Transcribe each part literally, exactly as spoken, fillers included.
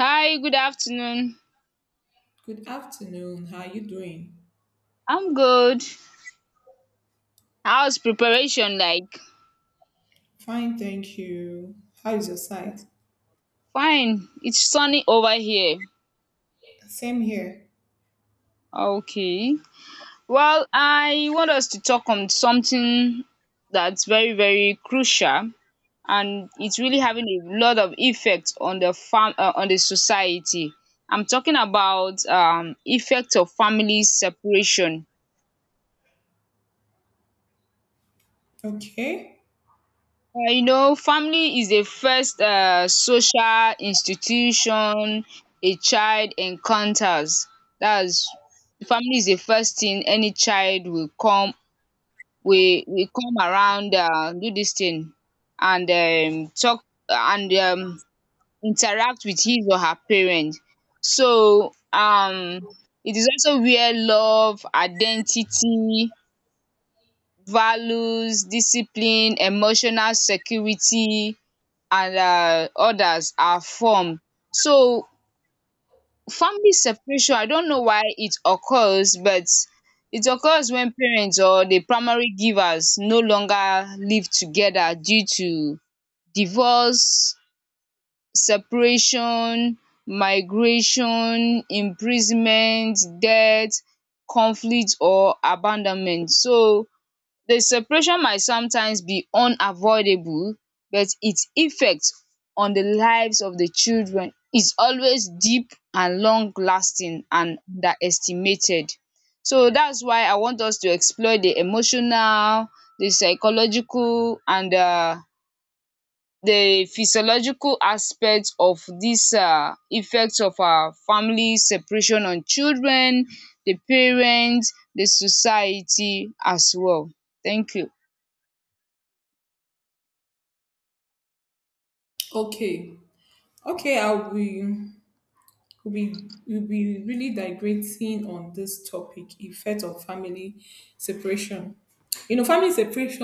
Hi, good afternoon. Good afternoon. How are you doing? I'm good. How's preparation like? Fine, thank you. How is your site? Fine. It's sunny over here. Same here. Okay. Well, I want us to talk on something that's very, very crucial and it's really having a lot of effect on the fam uh, on the society. I'm talking about um effect of family separation. Okay. Uh, you know, family is the first uh, social institution a child encounters. That's family is the first thing any child will come. We will come around uh, do this thing and um, talk and um, interact with his or her parent. So um, it is also where love, identity, values, discipline, emotional security and um others are formed. So family separation, I don't know why it occurs, but it occurs when parents or the primary givers no longer live together due to divorce, separation, migration, imprisonment, death, conflict or abandonment. So the separation might sometimes be unavoidable, but its effect on the lives of the children is always deep and long lasting and underestimated. So that's why I want us to explore the emotional, the psychological and um the physiological aspects of these um effect of um family separation on children, the parents, the society as well. Thank you. Okay. Okay, I'll be we'll be we'll be really digressing on this topic, effect of family separation. You know, family separation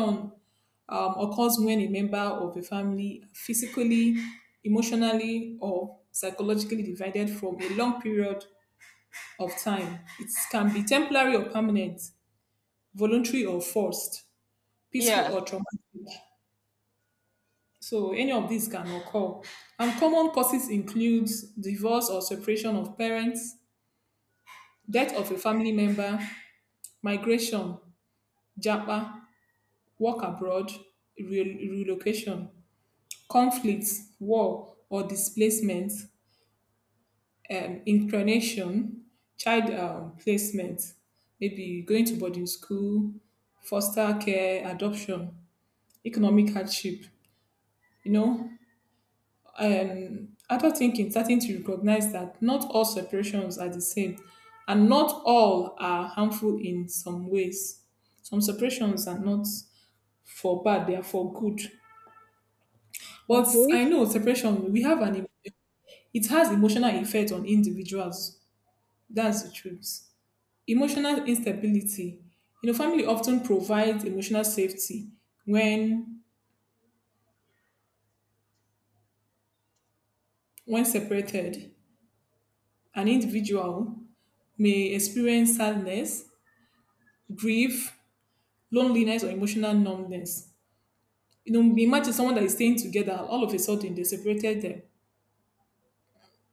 um, occurs when a member of a family physically, emotionally, or psychologically divided from a long period of time. It can be temporary or permanent, voluntary or forced, peaceful Yeah. or traumatic. So any of these can occur. And common causes include divorce or separation of parents, death of a family member, migration, japa, work abroad, re- relocation, conflicts, war or displacement, um, inclination, child um, placement, maybe going to boarding school, foster care, adoption, economic hardship, you know, um, adult thinking starting to recognize that not all separations are the same and not all are harmful in some ways. Some separations are not for bad, they are for good. But Okay. I know separation, we have an, it has emotional effect on individuals. That's the truth. Emotional instability. You know, family often provides emotional safety when when separated. An individual may experience sadness, grief, loneliness or emotional numbness. You know, imagine someone that is staying together, all of a sudden they separated them.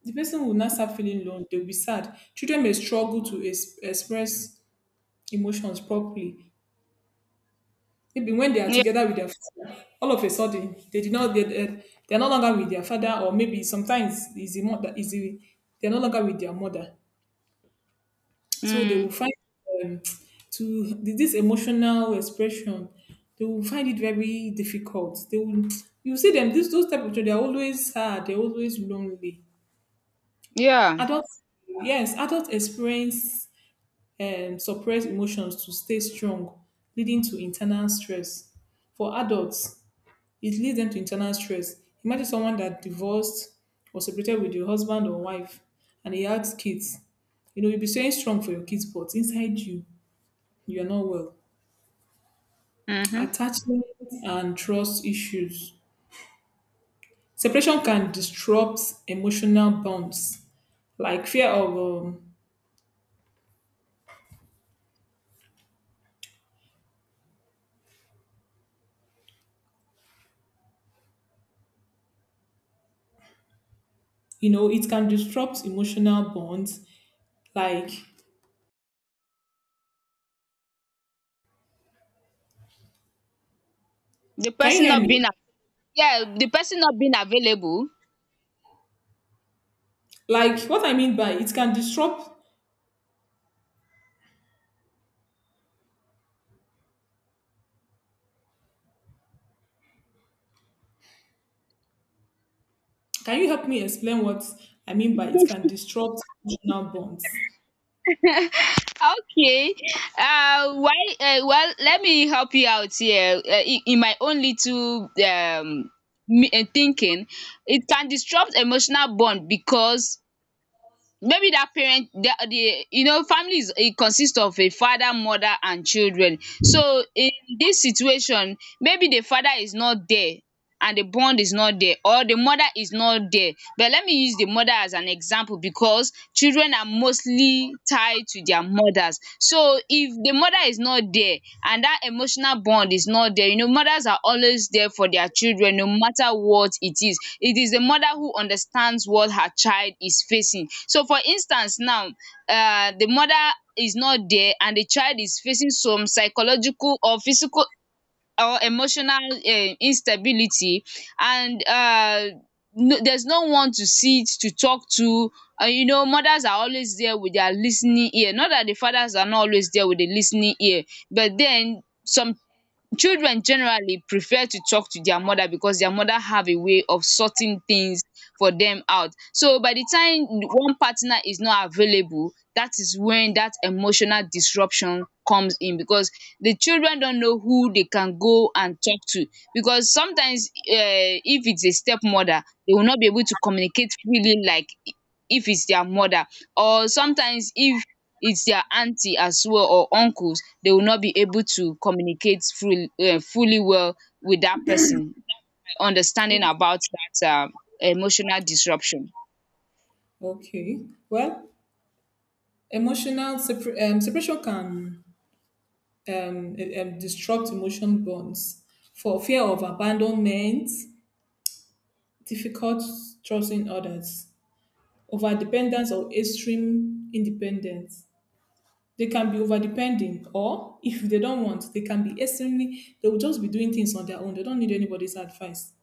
The person will now start feeling lonely. They'll be sad. Children may struggle to es- express emotions properly. Maybe when they are Yeah. together with their father, all of a sudden they did not they, they, they are no longer with their father, or maybe sometimes is the mother is the, they are no longer with their mother. So they will Mm. find um, to this emotional expression, they will find it very difficult. They will you see them this those type of children, they're always sad, they're always lonely. Yeah. Adults yes, adults experience um, suppressed emotions to stay strong, leading to internal stress. For adults, it leads them to internal stress. Imagine someone that divorced or separated with your husband or wife and he has kids. You know, you'll be staying strong for your kids, but inside you, you're not well. Mm-hmm. Attachment and trust issues. Separation can disrupt emotional bonds, like fear of, um, you know, it can disrupt emotional bonds. Like, The can you person hear not me? being a- Yeah, the person not being available. Like, what I mean by it can disrupt, can you help me explain what I mean by it can disrupt emotional bonds? Okay. Uh, why? Uh, well, let me help you out here. Uh, in, in my own little um me, uh, thinking, it can disrupt emotional bond because maybe that parent, the the you know, family is, it consists of a father, mother and children. So in this situation, maybe the father is not there and the bond is not there, or the mother is not there. But let me use the mother as an example because children are mostly tied to their mothers. So if the mother is not there and that emotional bond is not there. You know, mothers are always there for their children no matter what it is. It is the mother who understands what her child is facing. So for instance now, uh, the mother is not there and the child is facing some psychological or physical or emotional um instability and um no, there's no one to sit, to talk to. And you know, mothers are always there with their listening ear, not that the fathers are not always there with the listening ear, but then some children generally prefer to talk to their mother because their mother have a way of sorting things for them out. So by the time one partner is not available, that is when that emotional disruption comes in, because the children don't know who they can go and talk to. Because sometimes, um if it's a stepmother, they will not be able to communicate freely like if it's their mother. Or sometimes if it's their auntie as well, or uncles, they will not be able to communicate fully, uh, fully well with that person understanding about that uh, emotional disruption. Okay. Well, emotional separ- um, separation can um, eh, um, disrupt emotion bonds for fear of abandonment, difficult trusting others, overdependence or extreme independence. They can be overdependent, or if they don't want, they can be extremely. They will just be doing things on their own. They don't need anybody's advice.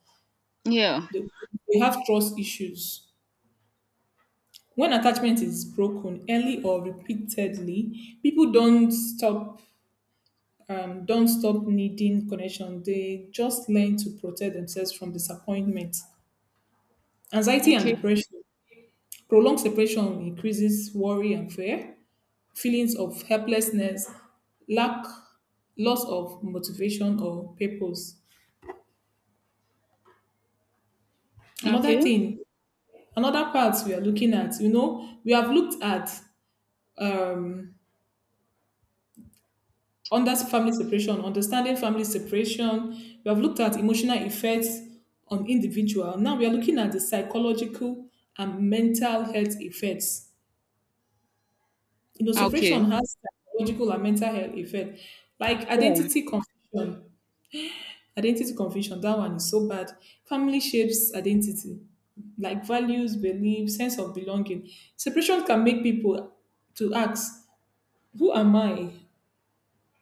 Yeah. They, they have trust issues. When attachment is broken early or repeatedly, people don't stop um, don't stop needing connection. They just learn to protect themselves from disappointment, anxiety, and Okay. depression. Prolonged separation increases worry and fear, feelings of helplessness, lack, loss of motivation or purpose. Another Okay. thing, another part we are looking at, you know, we have looked at um, under family separation, understanding family separation. We have looked at emotional effects on individual. Now we are looking at the psychological and mental health effects. You know, Okay. separation has psychological and mental health effect, like Yeah. identity confusion. Identity confusion, that one is so bad. Family shapes identity, like values, beliefs, sense of belonging. Separation can make people to ask, who am I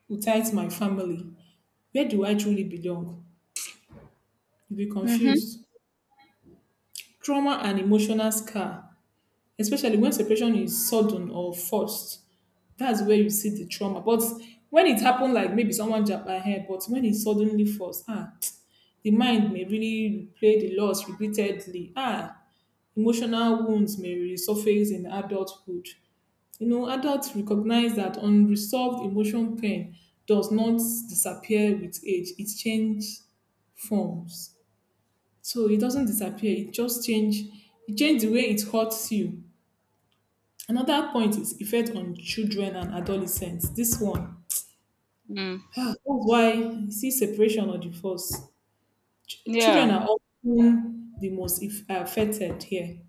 without my family? Where do I truly belong? You'll be Mm-hmm. confused. Trauma and emotional scar, especially when separation is sudden or forced. That's where you see the trauma. But when it happened, like maybe someone jabbed my head, but when it's suddenly forced, ah, the mind may really replay the loss repeatedly. Ah, emotional wounds may resurface in adulthood. You know, adults recognize that unresolved emotion pain does not disappear with age. It changes forms. So it doesn't disappear. It just change. It changes the way it hurts you. Another point is effect on children and adolescents. This one. Mm. Ah, that's why you see separation or divorce. Yeah. Children are often the most if- uh, affected here.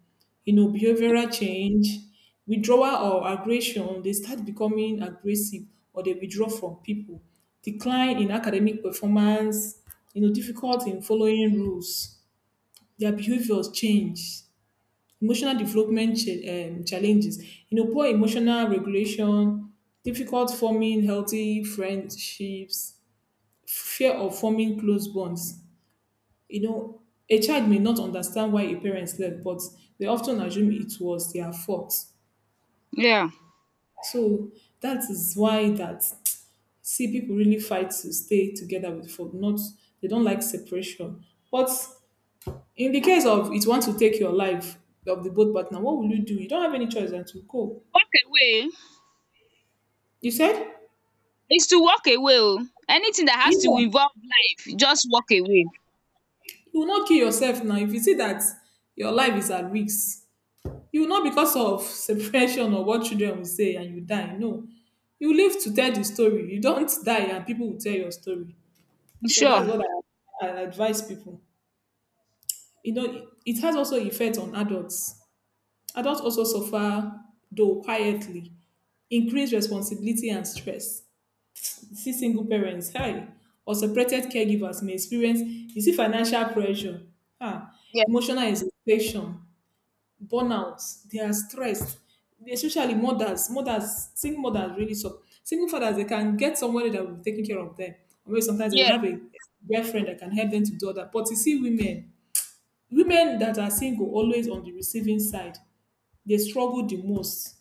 You know, behavioral change, withdrawal or aggression, they start becoming aggressive or they withdraw from people, decline in academic performance, you know, difficulty in following rules. Their behaviors change, emotional development cha- um, challenges, you know, poor emotional regulation, difficult forming healthy friendships, fear of forming close bonds, you know, a child may not understand why a parent left, but they often assume it was their fault. Yeah. So that is why that see people really fight to stay together with for not they don't like separation. But in the case of it wants to take your life of the both partner, what will you do? You don't have any choice than to go. Walk away. You said? Is to walk away. Oh, anything that has to Yeah, involve life, just walk away. you will not kill yourself now. If you see that your life is at risk, you will not because of separation or what children will say and you die. No. You live to tell the story. You don't die and people will tell your story. So that's Sure. what I, I advise people. You know, it it has also effect on adults. Adults also suffer, though quietly, increased responsibility and stress. See single parents, hey, or separated caregivers may experience, you see financial pressure, ah, Yeah. emotional exhaustion, burnout, they are stressed. Especially mothers, mothers, single mothers really so single fathers they can get somebody that will be taking care of them. Or maybe sometimes they will Yeah. have a girlfriend that can help them to do all that. But you see women, women that are single always on the receiving side, they struggle the most.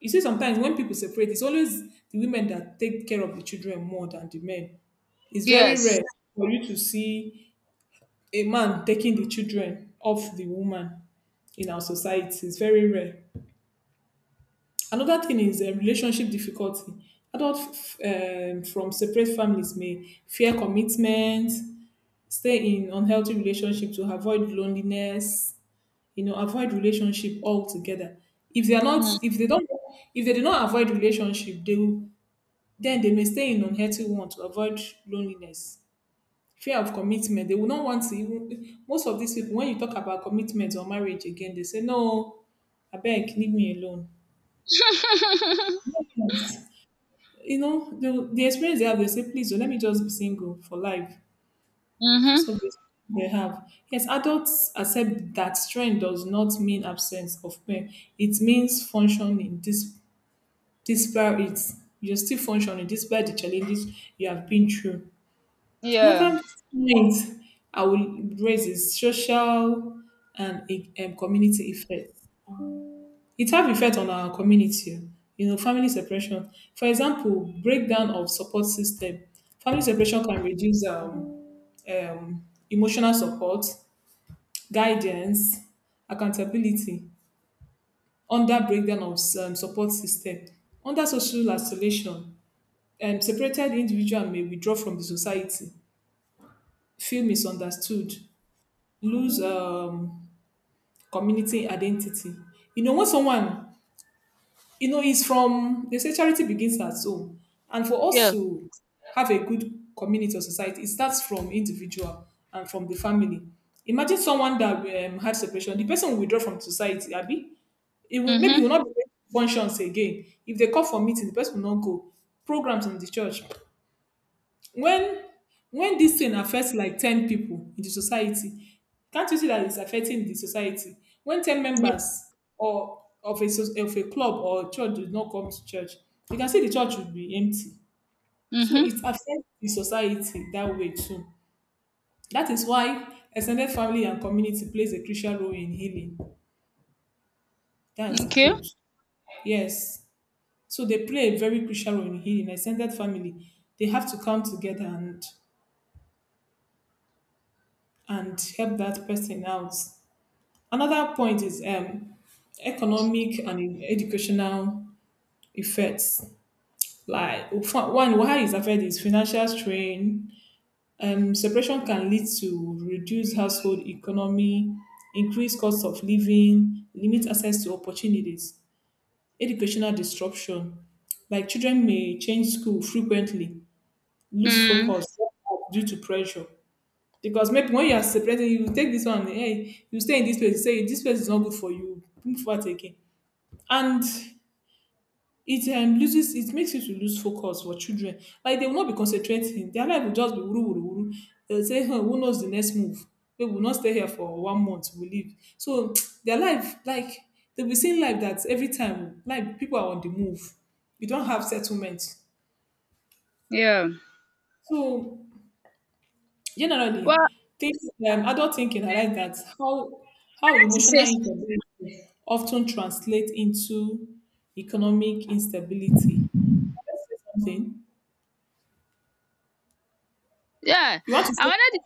You see, sometimes when people separate, it's always the women that take care of the children more than the men. It's very Yes. rare for you to see a man taking the children off the woman in our society. It's very rare. Another thing is um, relationship difficulty. Adults um, from separate families may fear commitment, stay in unhealthy relationship to avoid loneliness. You know, avoid relationship altogether. If they are not, Mm. if they don't, if they do not avoid relationship, they will, then they may stay in unhealthy one to avoid loneliness. Fear of commitment. They will not want to. Even, most of these people, when you talk about commitment or marriage again, they say no. I beg, leave me alone. Yes. You know, the, the experience they have, they say, please, oh, let me just be single for life because of Mm-hmm. this they have. Yes, adults accept that strength does not mean absence of pain. It means functioning dis- despite it. You're still functioning despite the challenges you have been through. Yeah. Another point I will raise is social and um, community effect. It have effect on our community, you know, family separation. For example, breakdown of support system. Family separation can reduce um, um, emotional support, guidance, accountability. Under breakdown of um, support system, under social isolation, um, separated individual may withdraw from the society, feel misunderstood, lose um, community identity. You know, when someone you know, it's from they say charity begins at home, and for us Yeah. to have a good community or society, it starts from individual and from the family. Imagine someone that um, had separation, the person will withdraw from society, Abby. It will, maybe he will Mm-hmm. not be able to functions again. If they call for meeting, the person will not go. Programs in the church, when when this thing affects like ten people in the society, can't you see that it's affecting the society when ten Yeah. members or of a soc- of a club or church do not come to church, you can see the church will be empty. So Mm-hmm. it affects the society that way too. That is why extended family and community plays a crucial role in healing. That's the Okay. truth. Yes, so they play a very crucial role in healing extended family. They have to come together and and help that person out. Another point is um, economic and educational effects. Like for- one, why is affected is financial strain. Um, separation can lead to reduced household economy, increased cost of living, limit access to opportunities, educational disruption. Like children may change school frequently, lose Mm. focus due to pressure. Because maybe when you are separating, you take this one, hey, you stay in this place, you say this place is not good for you, move forward again. And it um, loses it makes you to lose focus for children. Like they will not be concentrating, their life will just be wuru wuru wuru. They will say huh, who knows the next move? We will not stay here for one month, we leave. So their life, like they will be seeing life that every time like people are on the move, you don't have settlement. Yeah. So generally Well, I things, um, adult thinking, I like that. How how wanted to emotional say some instability often translate into economic instability. Can I say something? yeah, You want to I say, wanted to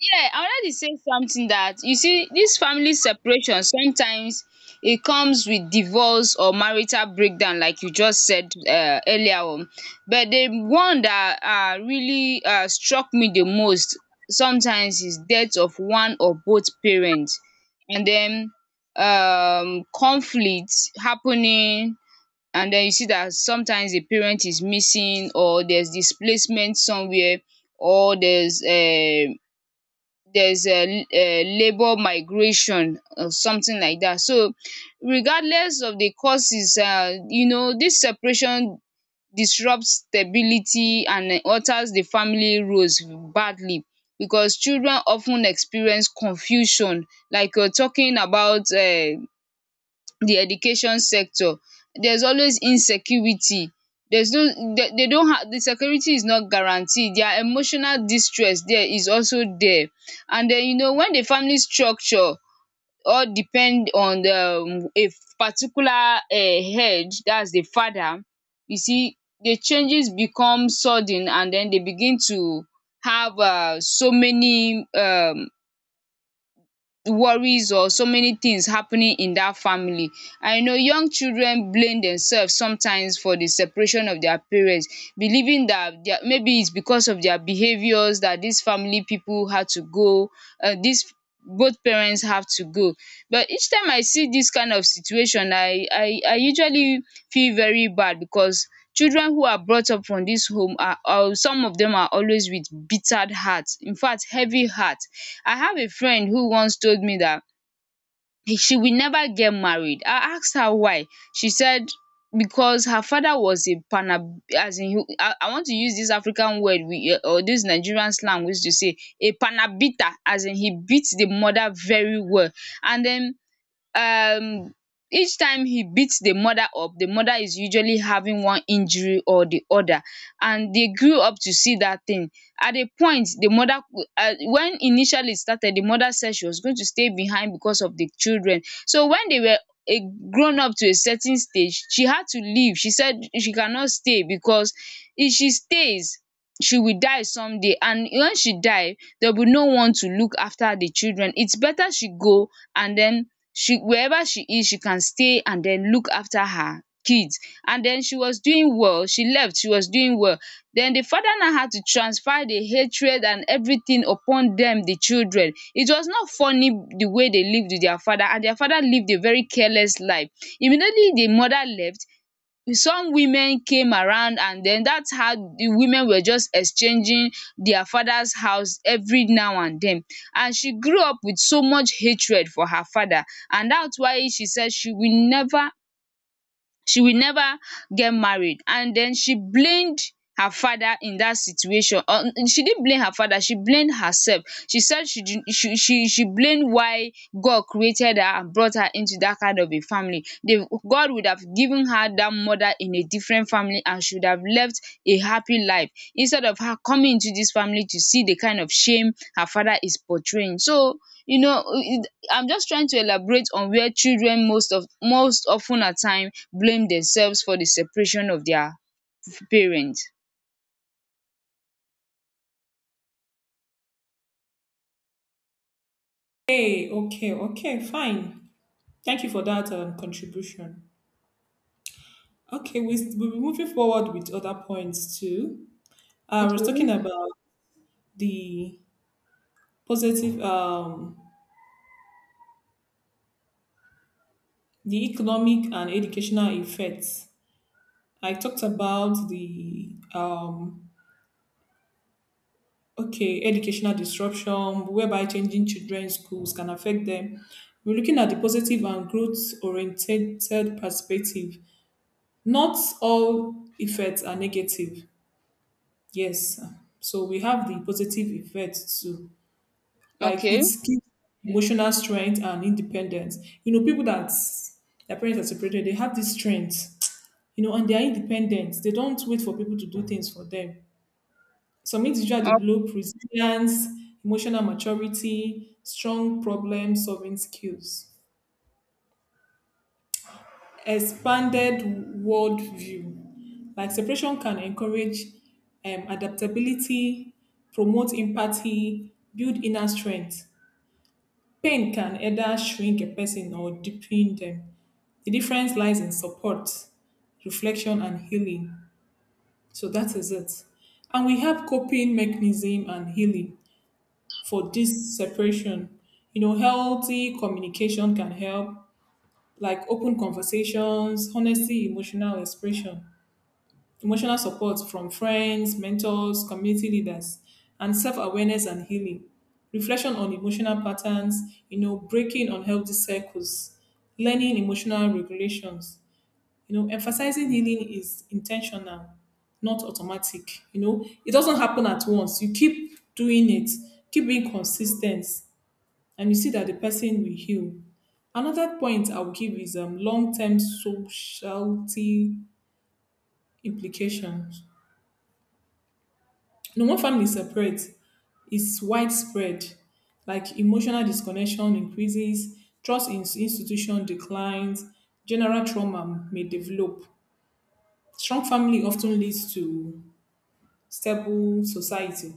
yeah, I wanted to say something, that you see this family separation sometimes, it comes with divorce or marital breakdown, like you just said uh, earlier on. But the one that uh, really uh, struck me the most sometimes is death of one or both parents, and then um conflict happening, and then you see that sometimes the parent is missing or there's displacement somewhere or there's um there's a labour migration or something like that. So regardless of the causes, um you know, this separation disrupts stability and alters the family roles badly, because children often experience confusion. Like you're talking about um the education sector. There's always insecurity. There's no, they, they don't have, the security is not guaranteed. Their emotional distress there is also there. And then you know, when the family structure all depend on the um a particular um head, that's the father, you see the changes become sudden and then they begin to have um so many um worries or so many things happening in that family. I know, young children blame themselves sometimes for the separation of their parents, believing that their, maybe it's because of their behaviors that these family people had to go, uh, these both parents have to go. But each time I see this kind of situation, I, I, I usually feel very bad because children who are brought up from this home are, are some of them are always with bitter hearts. In fact, heavy heart. I have a friend who once told me that he- she will never get married. I asked her why. She said because her father was a pana, as in he- I I want to use this African word we, or this Nigerian slang we use to say, a panabita, as in he beats the mother very well. And then um each time he beats the mother up, the mother is usually having one injury or the other, and they grew up to see that thing. At a point the mother cou- uh, when initially it started, the mother said she was going to stay behind because of the children. So when they were a grown up to a certain stage, she had to leave. She said she cannot stay because if she stays, she will die someday, and when she die, there will be no one to look after the children. It's better she go, and then, she wherever she is, she can stay and then look after her kids. And then she was doing well. She left. She was doing well. Then the father now had to transfer the hatred and everything upon them, the children. It was not funny the way they lived with their father, and their father lived a very careless life. Immediately the mother left, some women came around, and then that's how the women were just exchanging their father's house every now and then. And she grew up with so much hatred for her father, and that's why she said she will never she will never get married. And then she blamed her father in that situation. Or she didn't blame her father, she blamed herself. She said she did, she she she blamed why God created her and brought her into that kind of a family. They, God would have given her that mother in a different family, and she would have left a happy life, instead of her coming into this family to see the kind of shame her father is portraying. So you know, it- I'm just trying to elaborate on where children most of, most often at time blame themselves for the separation of their parents. hey, okay, okay, fine. Thank you for that um, contribution. Okay, we, we'll be moving forward with other points too. I was talking Okay. about the positive, um, the economic and educational effects. I talked about the, um, okay, educational disruption, whereby changing children's schools can affect them. We're looking at the positive and growth-oriented perspective. Not all effects are negative. Yes. So we have the positive effects too. Like it Okay. gives emotional strength and independence. You know, people that their parents are separated, they have this strength, you know, and they are independent. They don't wait for people to do things for them. Some individuals O- develop resilience, emotional maturity, strong problem solving skills, expanded worldview. Like separation can encourage um, adaptability, promote empathy, build inner strength. Pain can either shrink a person or deepen them. The difference lies in support, reflection, and healing. So that is it. And we have coping mechanism and healing for this separation. You know, healthy communication can help, like open conversations, honesty, emotional expression, emotional support from friends, mentors, community leaders, and self awareness and healing. Reflection on emotional patterns, you know, breaking unhealthy cycles, learning emotional regulations. You know, emphasizing healing is intentional, not automatic. You know, it doesn't happen at once. You keep doing it, keep being consistent, and you see that the person will heal. Another point I will give is um, long-term sociality implications. No, one family separates, it's widespread. Like emotional disconnection increases, trust in institution declines, general trauma may develop. Strong family often leads to stable society,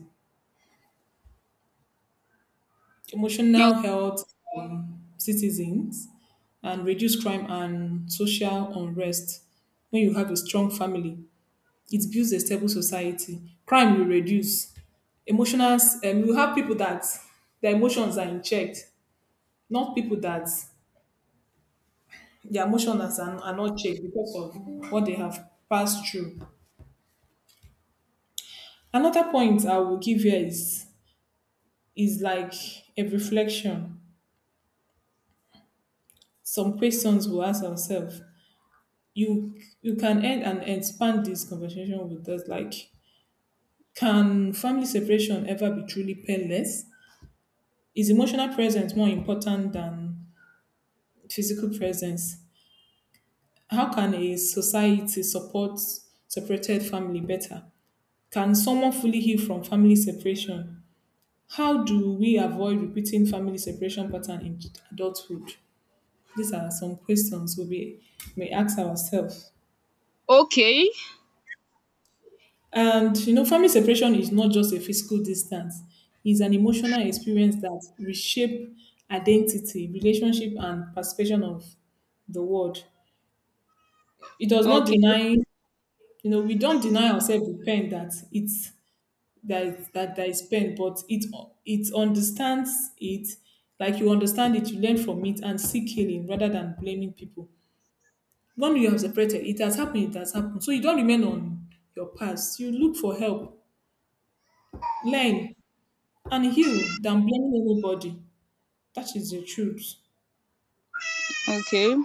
emotional o- health citizens, and reduce crime and social unrest. When you have a strong family, it builds a stable society. Crime will reduce, emotional, um, you have people that their emotions are in check, not people that their emotions are, are not checked because of what they have passed through. Another point I will give here is is like a reflection. Some questions we'll ask ourselves. You you can end and expand this conversation with us, like can family separation ever be truly painless? Is emotional presence more important than physical presence? How can a society support separated family better? Can someone fully heal from family separation? How do we avoid repeating family separation pattern in adulthood? These are some questions we may ask ourselves. Okay. And you know, family separation is not just a physical distance; it's an emotional experience that reshape identity, relationship, and perception of the world. It does not Okay. deny, you know, we don't deny ourselves the pain that it's that is, that that I spend, but it it understands it, like you understand it, you learn from it and seek healing rather than blaming people. When you have separated, it has happened, it has happened. So you don't remain on your past. You look for help, learn and heal than blaming everybody. That is the truth. Okay.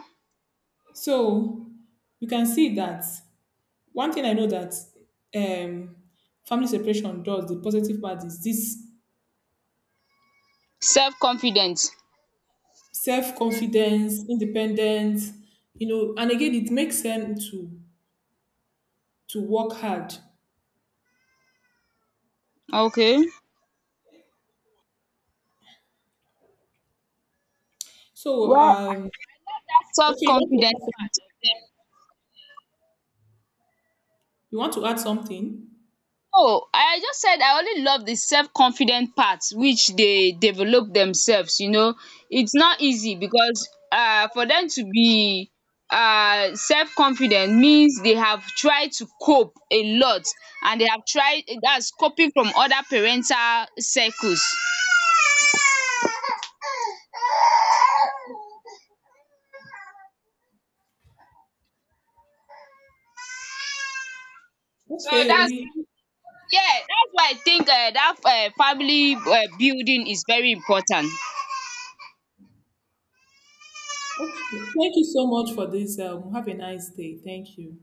So you can see that one thing I know that um, family separation does, the positive part is this Self confidence. self-confidence, independence, you know, and again, it makes them to to work hard. Okay. So, Well, um, self okay, you want to add confidence part. something? You want to add something? No, I just said I only love the self-confident part, which they develop themselves, you know. It's not easy because um for them to be um self-confident means they have tried to cope a lot, and they have tried, that's coping from other parental circles. So Okay, that's, we yeah, that's why I think um that um family um building is very important. okay. Thank you so much for this. Um, have a nice day. Thank you.